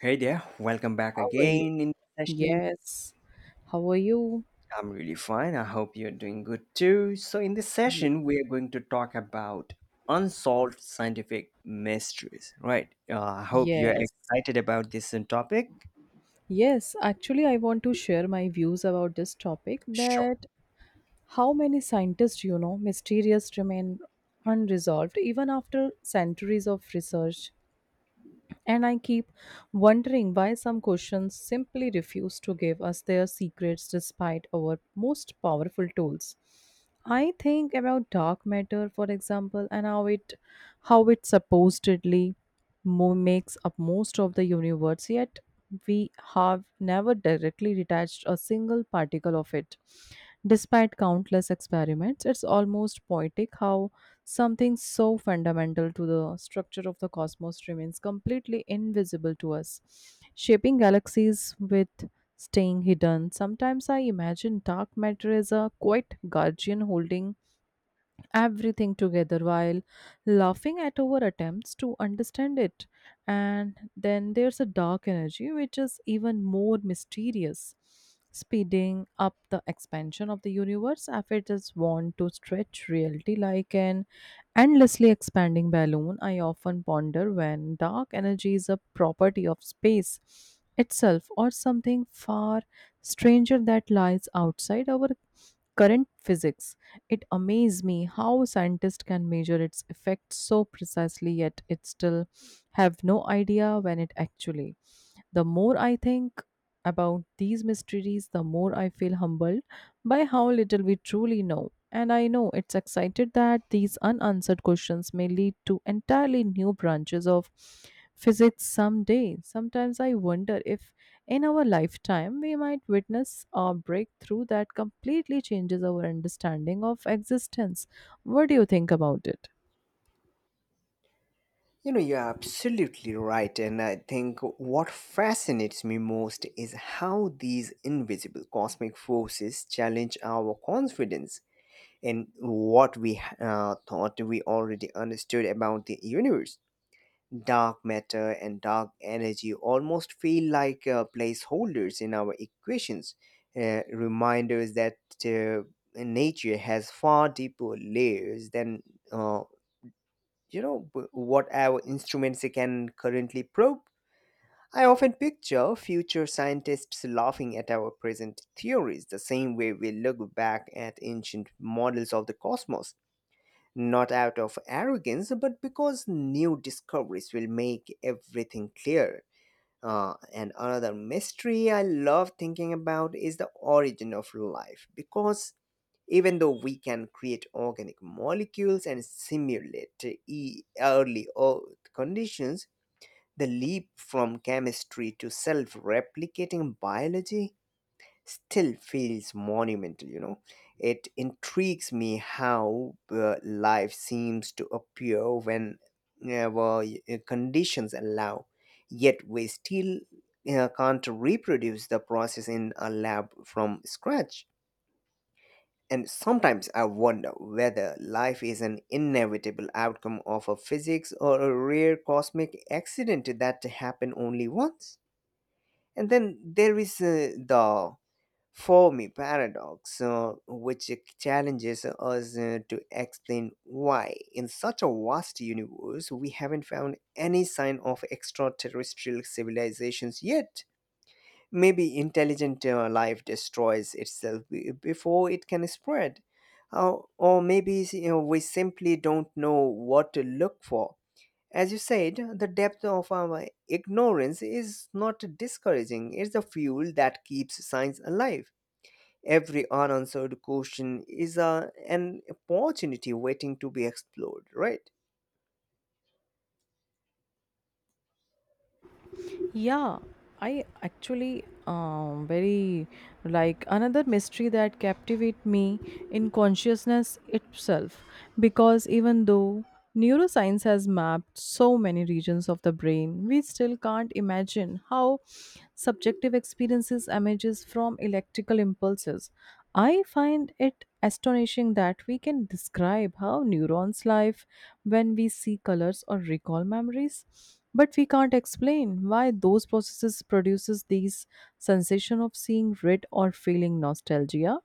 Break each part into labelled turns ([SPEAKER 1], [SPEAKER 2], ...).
[SPEAKER 1] Hey there, welcome back
[SPEAKER 2] How are you?
[SPEAKER 1] again in this session.
[SPEAKER 2] Yes. How are you?
[SPEAKER 1] I'm really fine. I hope you're doing good too. So, in this
[SPEAKER 2] Ye-
[SPEAKER 1] session, we are going to talk about unsolved scientific mysteries, right? I hope you're
[SPEAKER 2] Yes.
[SPEAKER 1] excited about this topic.
[SPEAKER 2] Yes. Actually, I want to share my views about this topic,
[SPEAKER 1] Sure.
[SPEAKER 2] that how many scientists, mysterious remain unresolved even after centuries of research. And I keep wondering why some questions simply refuse to give us their secrets despite our most powerful tools. I think about dark matter, for example, and how it supposedly makes up most of the universe, yet we have never directly detached a single particle of it. Despite countless experiments, it's almost poetic how something so fundamental to the structure of the cosmos remains completely invisible to us, shaping galaxies with staying hidden. Sometimes I imagine dark matter is a quiet guardian holding everything together while laughing at our attempts to understand it. And then there's a dark energy which is even more mysterious, speeding up the expansion of the universe as it is want to stretch reality like an endlessly expanding balloon. I often ponder when dark energy is a property of space itself or something far stranger that lies outside our current physics. It amazes me how scientists can measure its effects so precisely, yet it still have no idea when it actually the more I think about these mysteries, the more I feel humbled by how little we truly know. And I know it's excited that these unanswered questions may lead to entirely new branches of physics someday. Sometimes I wonder if in our lifetime we might witness a breakthrough that completely changes our understanding of existence. What do you think about it?
[SPEAKER 1] You know, you're absolutely right. And I think what fascinates me most is how these invisible cosmic forces challenge our confidence in what we thought we already understood about the universe. Dark matter and dark energy almost feel like placeholders in our equations, reminders that uh, nature has far deeper layers than uh, what our instruments can currently probe. I often picture future scientists laughing at our present theories the same way we look back at ancient models of the cosmos, not out of arrogance, but because new discoveries will make everything clear. And another mystery I love thinking about is the origin of life, because even though we can create organic molecules and simulate early Earth conditions, the leap from chemistry to self replicating biology still feels monumental. It intrigues me how life seems to appear whenever conditions allow, yet we still can't reproduce the process in a lab from scratch. And sometimes I wonder whether life is an inevitable outcome of a physics or a rare cosmic accident that happened only once. And then there is the for me paradox which challenges us to explain why in such a vast universe we haven't found any sign of extraterrestrial civilizations yet. Maybe intelligent life destroys itself before it can spread, or maybe, you know, we simply don't know what to look for. As you said, the depth of our ignorance is not discouraging, it's the fuel that keeps science alive. Every unanswered question is an opportunity waiting to be explored, right?
[SPEAKER 2] Yeah, I actually very like another mystery that captivate me in consciousness itself, because even though neuroscience has mapped so many regions of the brain, we still can't imagine how subjective experiences emerges from electrical impulses. I find it astonishing that we can describe how neurons live when we see colors or recall memories, but we can't explain why those processes produces these sensation of seeing red or feeling nostalgia.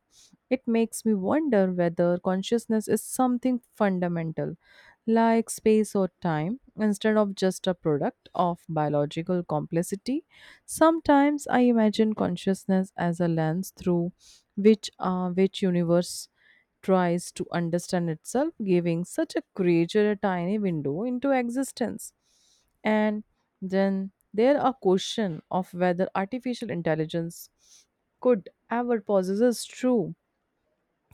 [SPEAKER 2] It makes me wonder whether consciousness is something fundamental, like space or time, instead of just a product of biological complexity. Sometimes I imagine consciousness as a lens through which universe tries to understand itself, giving such a creature a tiny window into existence. And then there are question of whether artificial intelligence could ever possess true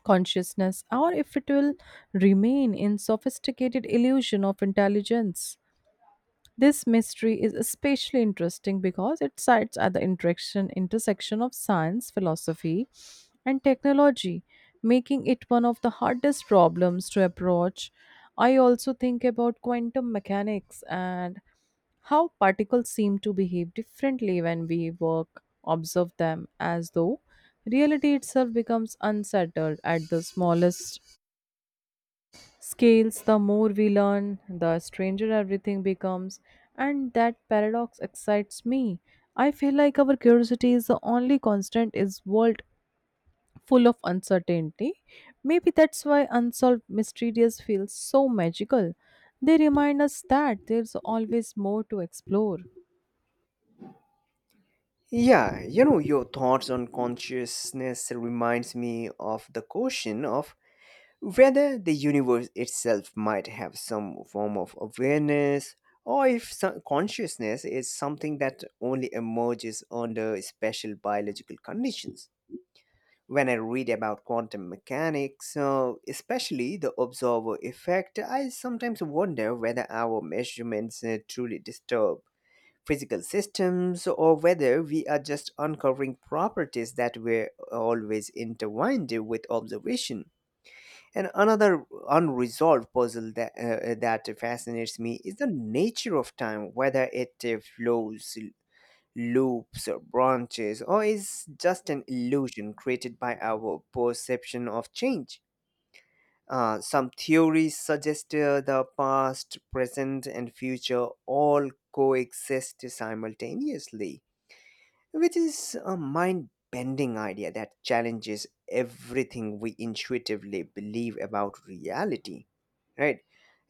[SPEAKER 2] consciousness, or if it will remain in sophisticated illusion of intelligence. This mystery is especially interesting because it sits at the interaction intersection of science, philosophy, and technology, making it one of the hardest problems to approach. I also think about quantum mechanics and how particles seem to behave differently when we work observe them, as though reality itself becomes unsettled at the smallest scales. The more we learn the stranger everything becomes, and that paradox excites me. I feel like our curiosity is the only constant is world full of uncertainty. Maybe that's why unsolved mysteries feels so magical. They remind us that there's always more to explore.
[SPEAKER 1] Yeah, you know, your thoughts on consciousness reminds me of the question of whether the universe itself might have some form of awareness, or if some consciousness is something that only emerges under special biological conditions. When I read about quantum mechanics, especially the observer effect, I sometimes wonder whether our measurements truly disturb physical systems or whether we are just uncovering properties that were always intertwined with observation. And another unresolved puzzle that fascinates me is the nature of time, whether it flows, loops or branches, or is just an illusion created by our perception of change. Some theories suggest the past, present, and future all coexist simultaneously, which is a mind bending idea that challenges everything we intuitively believe about reality, right?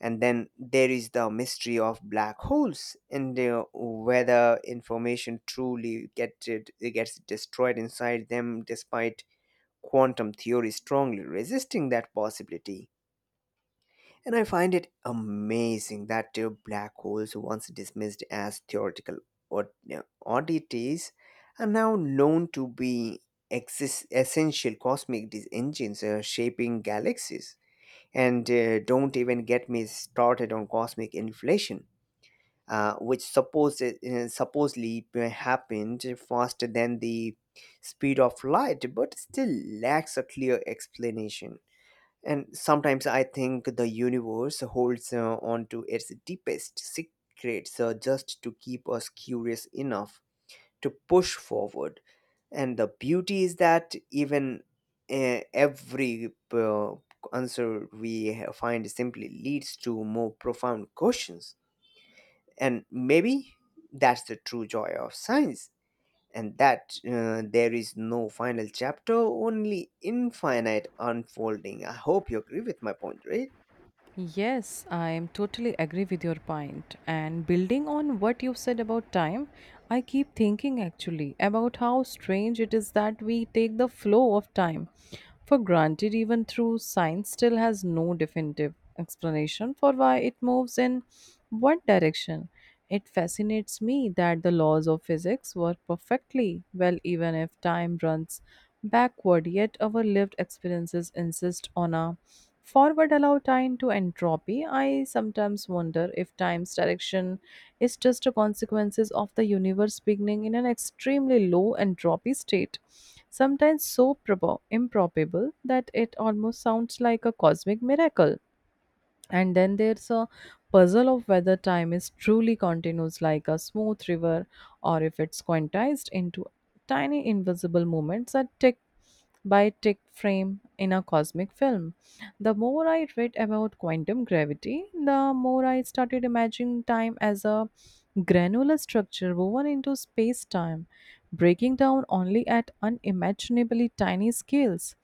[SPEAKER 1] And then there is the mystery of black holes and whether information truly get it, it gets destroyed inside them, despite quantum theory strongly resisting that possibility. And I find it amazing that black holes, once dismissed as theoretical od- oddities, are now known to be essential cosmic engines, shaping galaxies. And don't even get me started on cosmic inflation, which supposedly happened faster than the speed of light, but still lacks a clear explanation. And sometimes I think the universe holds on to its deepest secrets just to keep us curious enough to push forward. And the beauty is that even every answer we find simply leads to more profound questions. And maybe that's the true joy of science, and that there is no final chapter, only infinite unfolding. I hope you agree with my point, right?
[SPEAKER 2] Yes, I totally agree with your point. And building on what you've said about time, I keep thinking actually about how strange it is that we take the flow of time for granted, even through science still has no definitive explanation for why it moves in one direction. It fascinates me that the laws of physics work perfectly well even if time runs backward, yet our lived experiences insist on a forward allow time to entropy. I sometimes wonder if time's direction is just a consequences of the universe beginning in an extremely low entropy state, sometimes so improbable that it almost sounds like a cosmic miracle. And then there's a puzzle of whether time is truly continuous like a smooth river, or if it's quantized into tiny invisible moments that tick by Dick Frame in a cosmic film. The more I read about quantum gravity, the more I started imagining time as a granular structure woven into space time, breaking down only at unimaginably tiny scales.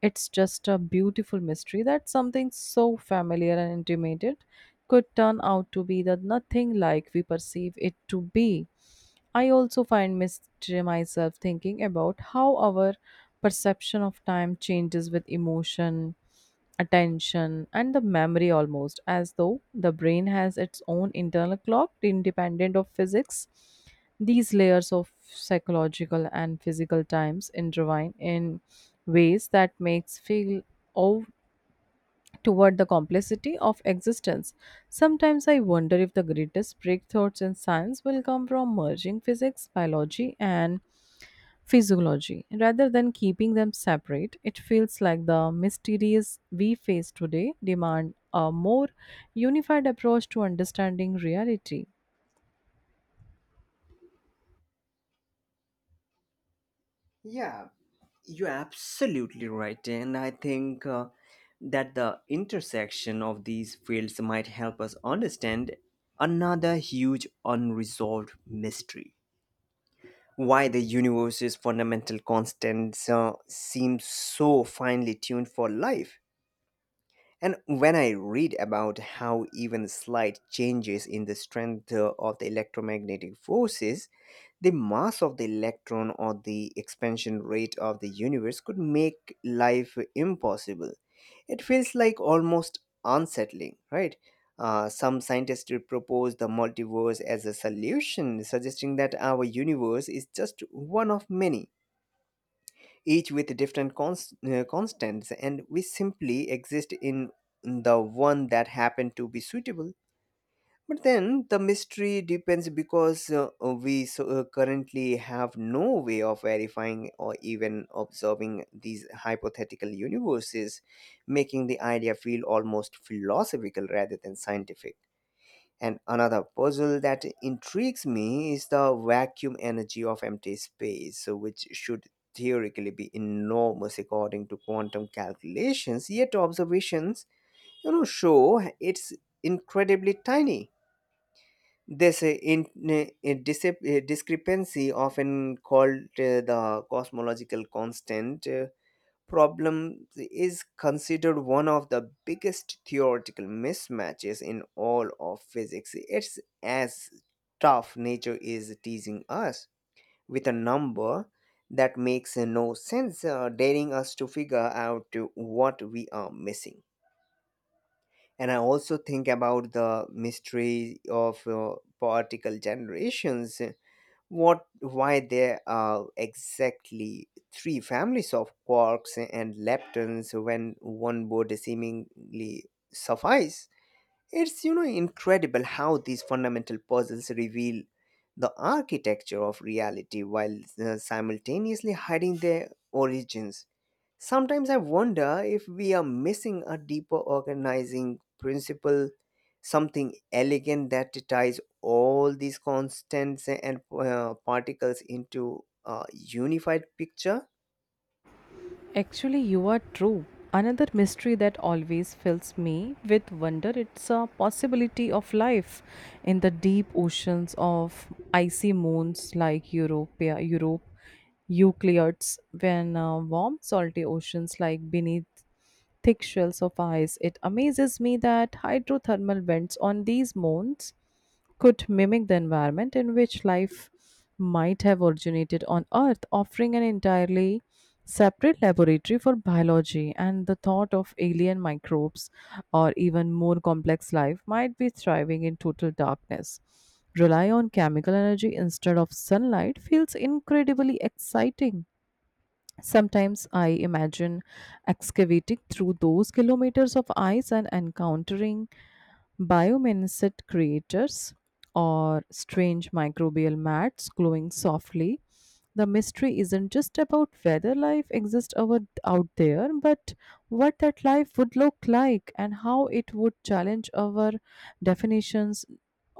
[SPEAKER 2] It's just a beautiful mystery that something so familiar and intimate could turn out to be the nothing like we perceive it to be. I also find myself thinking about how our perception of time changes with emotion, attention, and the memory, almost as though the brain has its own internal clock independent of physics. These layers of psychological and physical times intertwine in ways that makes feel oh, toward the complexity of existence. Sometimes I wonder if the greatest breakthroughs in science will come from merging physics, biology, and physiology. Rather than keeping them separate, it feels like the mysteries we face today demand a more unified approach to understanding reality.
[SPEAKER 1] Yeah, you're absolutely right. And I think that the intersection of these fields might help us understand another huge unresolved mystery. Why the universe's fundamental constants seem so finely tuned for life. And when I read about how even slight changes in the strength of the electromagnetic forces, the mass of the electron or the expansion rate of the universe could make life impossible. It feels like almost unsettling, right? Some scientists propose the multiverse as a solution, suggesting that our universe is just one of many, each with different constants, and we simply exist in the one that happened to be suitable. But then the mystery depends because we currently have no way of verifying or even observing these hypothetical universes, making the idea feel almost philosophical rather than scientific. And another puzzle that intrigues me is the vacuum energy of empty space, so which should theoretically be enormous according to quantum calculations, yet observations, you know, show it's incredibly tiny. This discrepancy, often called the cosmological constant problem, is considered one of the biggest theoretical mismatches in all of physics. It's as tough nature is teasing us with a number that makes no sense, daring us to figure out what we are missing. And I also think about the mystery of particle generations, what why there are exactly three families of quarks and leptons when one would seemingly suffice. It's, you know, incredible how these fundamental puzzles reveal the architecture of reality while simultaneously hiding their origins. Sometimes I wonder if we are missing a deeper organizing principle, something elegant that ties all these constants and particles into a unified picture.
[SPEAKER 2] Actually, you are true. Another mystery that always fills me with wonder, it's a possibility of life in the deep oceans of icy moons like Europe, Euclides, when warm, salty oceans like beneath thick shells of ice. It amazes me that hydrothermal vents on these moons could mimic the environment in which life might have originated on Earth, offering an entirely separate laboratory for biology. And the thought of alien microbes or even more complex life might be thriving in total darkness. Rely on chemical energy instead of sunlight feels incredibly exciting. Sometimes I imagine excavating through those kilometers of ice and encountering biomimicet creators or strange microbial mats glowing softly. The mystery isn't just about whether life exists over, out there, but what that life would look like and how it would challenge our definitions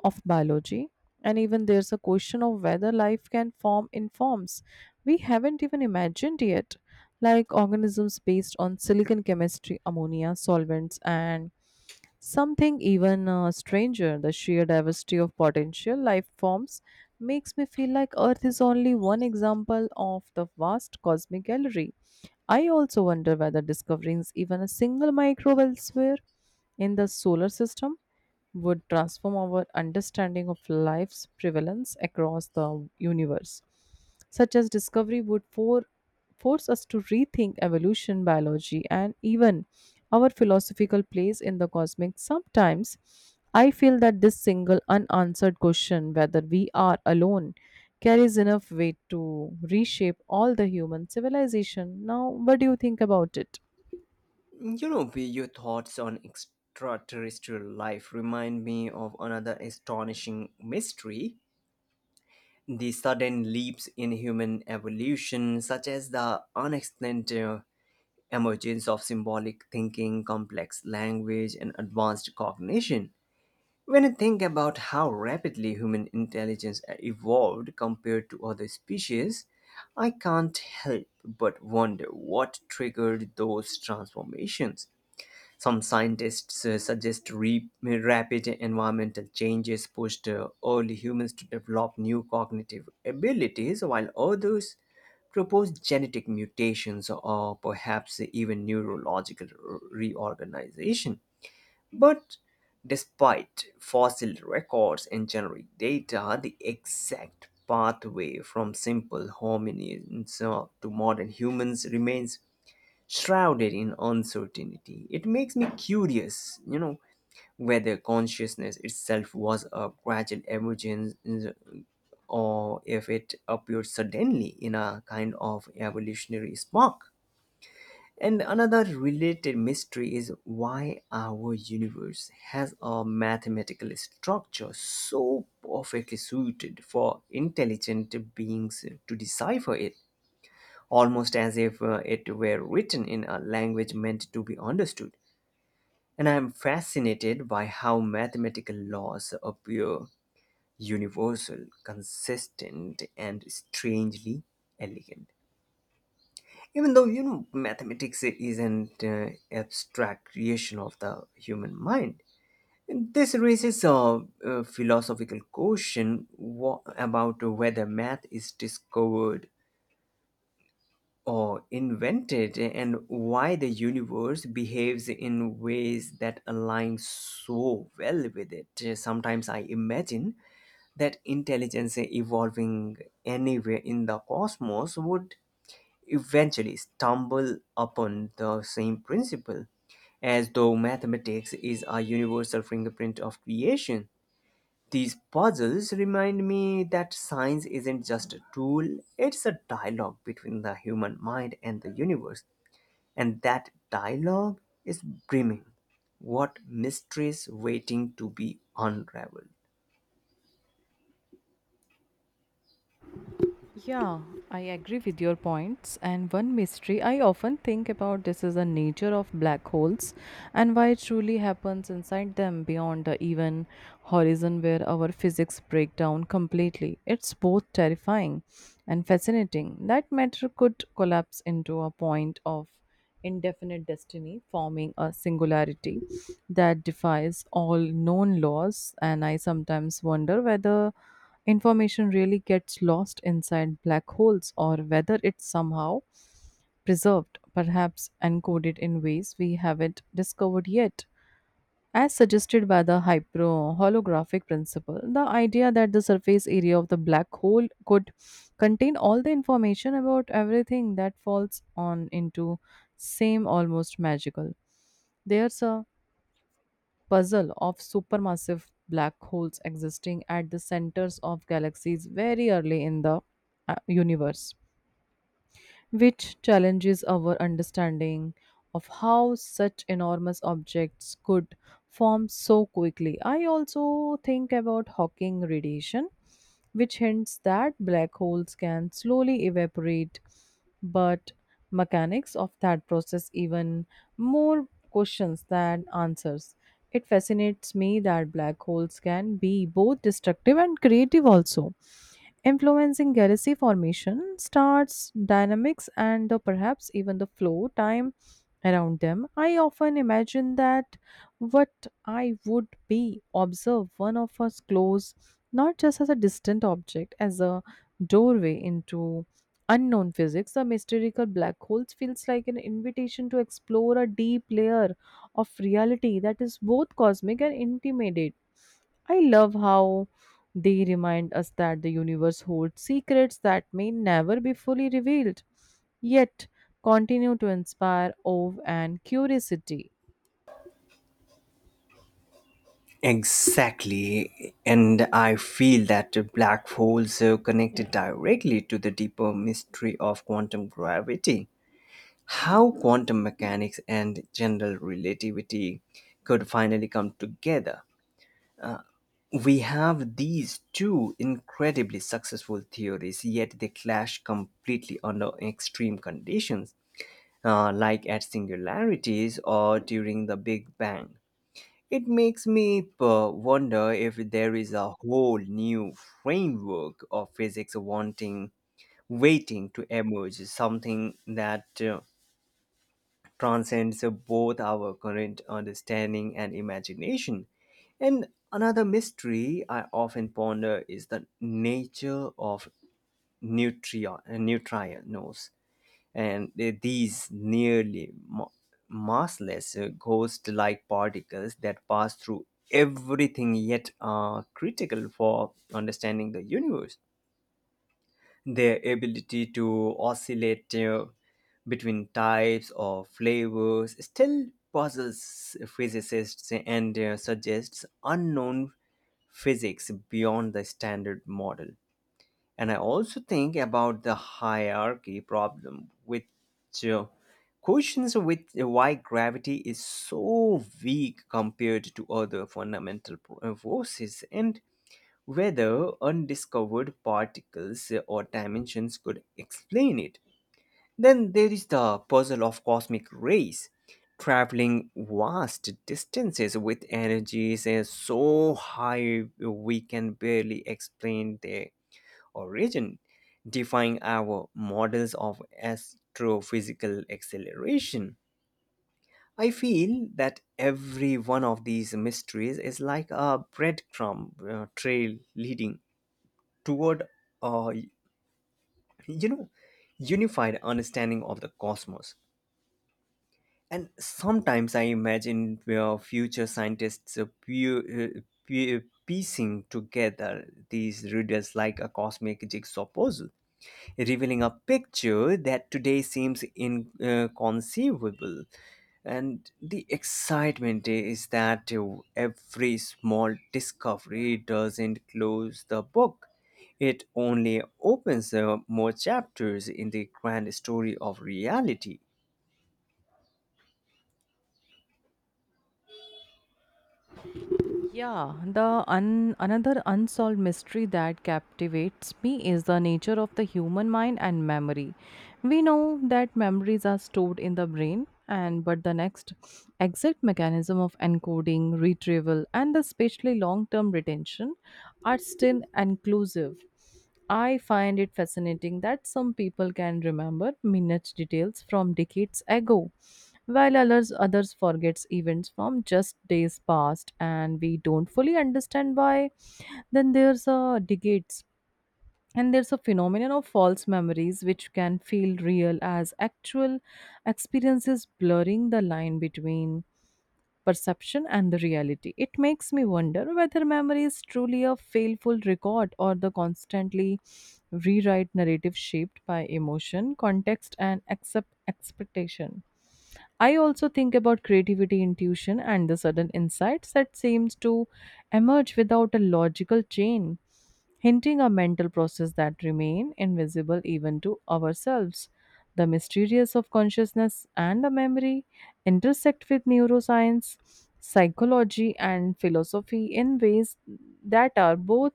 [SPEAKER 2] of biology. And even there's a question of whether life can form in forms we haven't even imagined yet, like organisms based on silicon chemistry, ammonia, solvents, and something even stranger. The sheer diversity of potential life forms makes me feel like Earth is only one example of the vast cosmic gallery. I also wonder whether discovering even a single microbe elsewhere in the solar system would transform our understanding of life's prevalence across the universe. Such as discovery would force us to rethink evolution, biology, and even our philosophical place in the cosmic. Sometimes I feel that this single unanswered question, whether we are alone, carries enough weight to reshape all the human civilization. Now, what do you think about it?
[SPEAKER 1] You know, be your thoughts on extraterrestrial life remind me of another astonishing mystery. The sudden leaps in human evolution, such as the unexplained emergence of symbolic thinking, complex language, and advanced cognition. When I think about how rapidly human intelligence evolved compared to other species, I can't help but wonder what triggered those transformations. Some scientists suggest rapid environmental changes pushed early humans to develop new cognitive abilities, while others propose genetic mutations or perhaps even neurological reorganization. But despite fossil records and generic data, the exact pathway from simple hominins to modern humans remains shrouded in uncertainty. It makes me curious, you know, whether consciousness itself was a gradual emergence or if it appeared suddenly in a kind of evolutionary spark. And another related mystery is why our universe has a mathematical structure so perfectly suited for intelligent beings to decipher it, almost as if it were written in a language meant to be understood. And I am fascinated by how mathematical laws appear universal, consistent, and strangely elegant. Even though, you know, mathematics isn't abstract creation of the human mind. This raises philosophical question about whether math is discovered or invented and why the universe behaves in ways that align so well with it. Sometimes I imagine that intelligence evolving anywhere in the cosmos would eventually stumble upon the same principle, as though mathematics is a universal fingerprint of creation. These puzzles remind me that science isn't just a tool, it's a dialogue between the human mind and the universe, and that dialogue is brimming. What mysteries waiting to be unraveled?
[SPEAKER 2] Yeah, I agree with your points. And one mystery I often think about this is the nature of black holes and why it truly happens inside them beyond the even horizon, where our physics break down completely. It's both terrifying and fascinating that matter could collapse into a point of indefinite destiny, forming a singularity that defies all known laws. And I sometimes wonder whether information really gets lost inside black holes, or whether it's somehow preserved, perhaps encoded in ways we haven't discovered yet. As suggested by the hypro holographic principle, the idea that the surface area of the black hole could contain all the information about everything that falls on into same almost magical. There's a puzzle of supermassive black holes existing at the centers of galaxies very early in the universe, which challenges our understanding of how such enormous objects could form so quickly. I also think about Hawking radiation, which hints that black holes can slowly evaporate, but mechanics of that process even more questions than answers. It fascinates me that black holes can be both destructive and creative, also influencing galaxy formation, stars, dynamics, and the, perhaps even the flow time around them. I often imagine that what I would be observe one of us close, not just as a distant object, as a doorway into unknown physics. The mystical black holes feels like an invitation to explore a deep layer of reality that is both cosmic and intimate. I love how they remind us that the universe holds secrets that may never be fully revealed, yet continue to inspire awe and curiosity.
[SPEAKER 1] Exactly, and I feel that black holes are connected directly to the deeper mystery of quantum gravity. How quantum mechanics and general relativity could finally come together. We have these two incredibly successful theories, yet they clash completely under extreme conditions, like at singularities or during the Big Bang. It makes me wonder if there is a whole new framework of physics wanting waiting to emerge, something that transcends both our current understanding and imagination. And another mystery I often ponder is the nature of neutrinos, and these nearly massless ghost-like particles that pass through everything yet are critical for understanding the universe. Their ability to oscillate between types or flavors still puzzles physicists and suggests unknown physics beyond the standard model. And I also think about the hierarchy problem, which uh, questions with why gravity is so weak compared to other fundamental forces and whether undiscovered particles or dimensions could explain it. Then there is the puzzle of cosmic rays, traveling vast distances with energies so high we can barely explain their origin, defying our models of astrophysical acceleration. I feel that every one of these mysteries is like a breadcrumb trail leading toward uh, you know, unified understanding of the cosmos. And sometimes I imagine where future scientists are piecing together these riddles like a cosmic jigsaw puzzle, revealing a picture that today seems inconceivable. And the excitement is that every small discovery doesn't close the book. It only opens more chapters in the grand story of reality.
[SPEAKER 2] Yeah, the another unsolved mystery that captivates me is the nature of the human mind and memory. We know that memories are stored in the brain, and but the next exact mechanism of encoding, retrieval, and the especially long-term retention are still inclusive. I find it fascinating that some people can remember minute details from decades ago, while others forgets events from just days past, and we don't fully understand why. Then there's a phenomenon of false memories which can feel real as actual experiences, blurring the line between perception and the reality. It makes me wonder whether memory is truly a faithful record or the constantly rewrite narrative shaped by emotion, context, and accept expectation. I also think about creativity, intuition, and the sudden insights that seems to emerge without a logical chain, hinting a mental process that remain invisible even to ourselves. The mysterious of consciousness and the memory intersect with neuroscience, psychology, and philosophy in ways that are both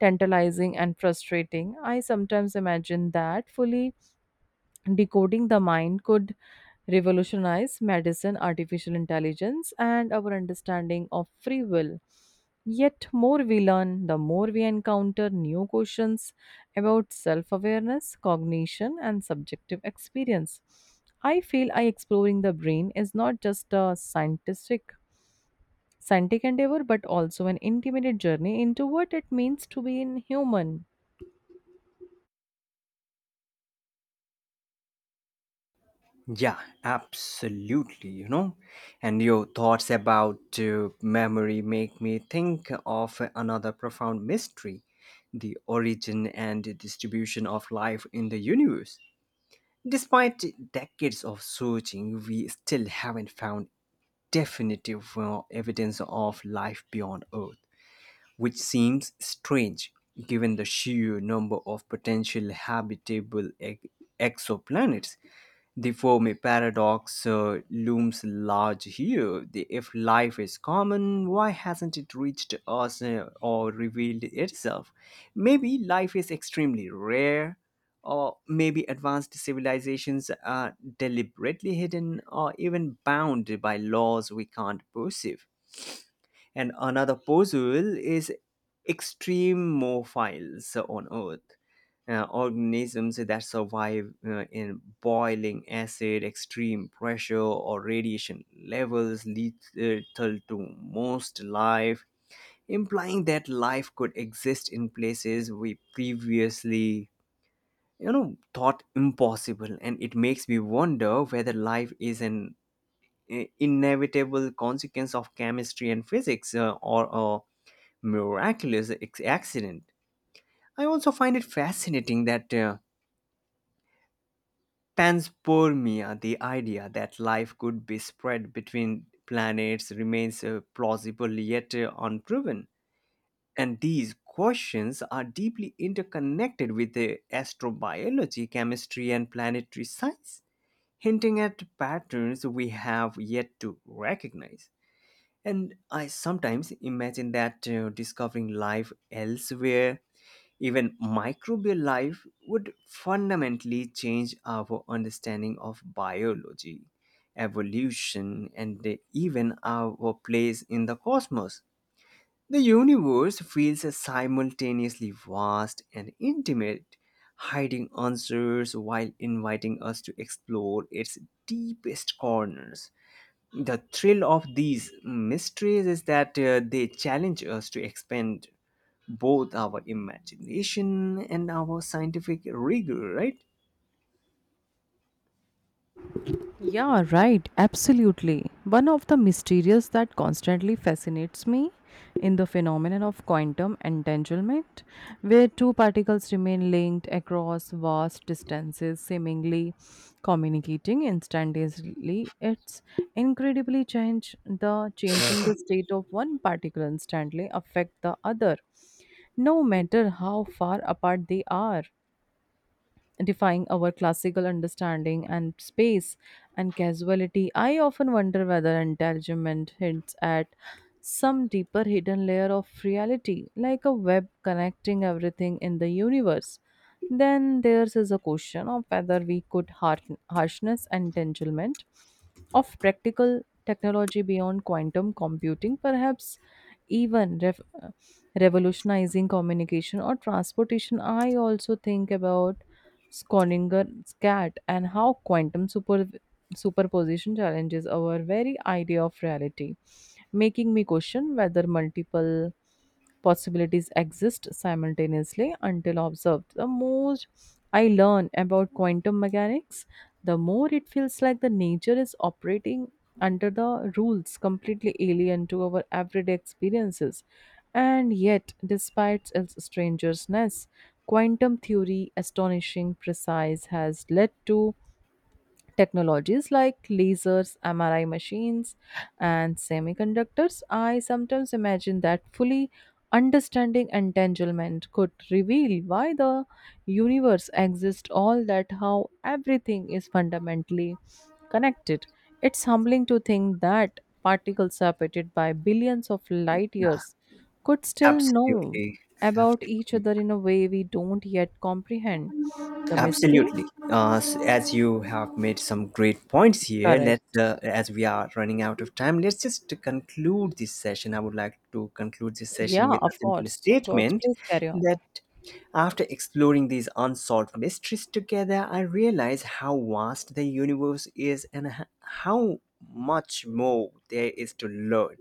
[SPEAKER 2] tantalizing and frustrating. I sometimes imagine that fully decoding the mind could revolutionize medicine, artificial intelligence, and our understanding of free will. Yet, more we learn, the more we encounter new questions about self awareness, cognition, and subjective experience. I feel I exploring the brain is not just a scientific endeavor, but also an intimate journey into what it means to be in human.
[SPEAKER 1] Yeah, absolutely. You know, and your thoughts about memory make me think of another profound mystery, the origin and distribution of life in the universe. Despite decades of searching, we still haven't found definitive evidence of life beyond Earth, which seems strange given the sheer number of potential habitable exoplanets. The Fermi paradox looms large here. If life is common, why hasn't it reached us or revealed itself? Maybe life is extremely rare, or maybe advanced civilizations are deliberately hidden or even bound by laws we can't perceive. And another puzzle is extremophiles on Earth, organisms that survive in boiling acid, extreme pressure, or radiation levels lethal to most life, implying that life could exist in places we previously, you know, thought impossible. And it makes me wonder whether life is an inevitable consequence of chemistry and physics, or a miraculous accident. I also find it fascinating that panspermia, the idea that life could be spread between planets, remains plausible yet unproven. And these questions are deeply interconnected with astrobiology, chemistry, and planetary science, hinting at patterns we have yet to recognize. And I sometimes imagine that discovering life elsewhere, even microbial life, would fundamentally change our understanding of biology, evolution, and even our place in the cosmos. The universe feels simultaneously vast and intimate, hiding answers while inviting us to explore its deepest corners. The thrill of these mysteries is that they challenge us to expand both our imagination and our scientific rigor, right?
[SPEAKER 2] Yeah, right, absolutely. One of the mysterious that constantly fascinates me in the phenomenon of quantum entanglement, where two particles remain linked across vast distances, seemingly communicating instantaneously. It's incredibly change the changing the state of one particle instantly affect the other, no matter how far apart they are, defying our classical understanding and space and casuality. I often wonder whether entanglement hints at some deeper hidden layer of reality, like a web connecting everything in the universe. Then there's is a question of whether we could harden harshness and entanglement of practical technology beyond quantum computing, perhaps even revolutionizing communication or transportation. I also think about Schrodinger's cat and how superposition challenges our very idea of reality, making me question whether multiple possibilities exist simultaneously until observed. The more I learn about quantum mechanics, the more it feels like the nature is operating under the rules completely alien to our everyday experiences. And yet, despite its strangeness, quantum theory, astonishing precise, has led to technologies like lasers, MRI machines, and semiconductors. I sometimes imagine that fully understanding entanglement could reveal why the universe exists all that how everything is fundamentally connected. It's humbling to think that particles separated by billions of light years could still know
[SPEAKER 1] Absolutely.
[SPEAKER 2] about each
[SPEAKER 1] Absolutely.
[SPEAKER 2] other in a way we don't yet comprehend. The mystery?
[SPEAKER 1] Absolutely. As you have made some great points here,
[SPEAKER 2] Correct.
[SPEAKER 1] as we are running out of time, let's just conclude this session. I would like to conclude this session
[SPEAKER 2] Yeah,
[SPEAKER 1] with a
[SPEAKER 2] of
[SPEAKER 1] simple
[SPEAKER 2] course. Of course.
[SPEAKER 1] statement
[SPEAKER 2] Please carry on.
[SPEAKER 1] that after exploring these unsolved mysteries together, I realize how vast the universe is and how much more there is to learn.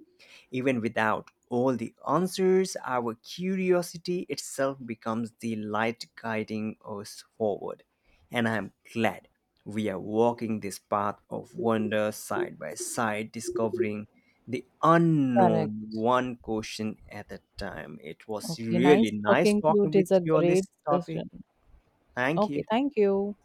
[SPEAKER 1] Even without all the answers, our curiosity itself becomes the light guiding us forward. And I'm glad we are walking this path of wonder side by side, discovering the
[SPEAKER 2] Correct.
[SPEAKER 1] unknown one question at a time. It was
[SPEAKER 2] Okay, nice
[SPEAKER 1] really nice
[SPEAKER 2] talking to you. It
[SPEAKER 1] talking with
[SPEAKER 2] is a
[SPEAKER 1] you on
[SPEAKER 2] great
[SPEAKER 1] this topic.
[SPEAKER 2] discussion.
[SPEAKER 1] Thank
[SPEAKER 2] Okay,
[SPEAKER 1] you.
[SPEAKER 2] thank you.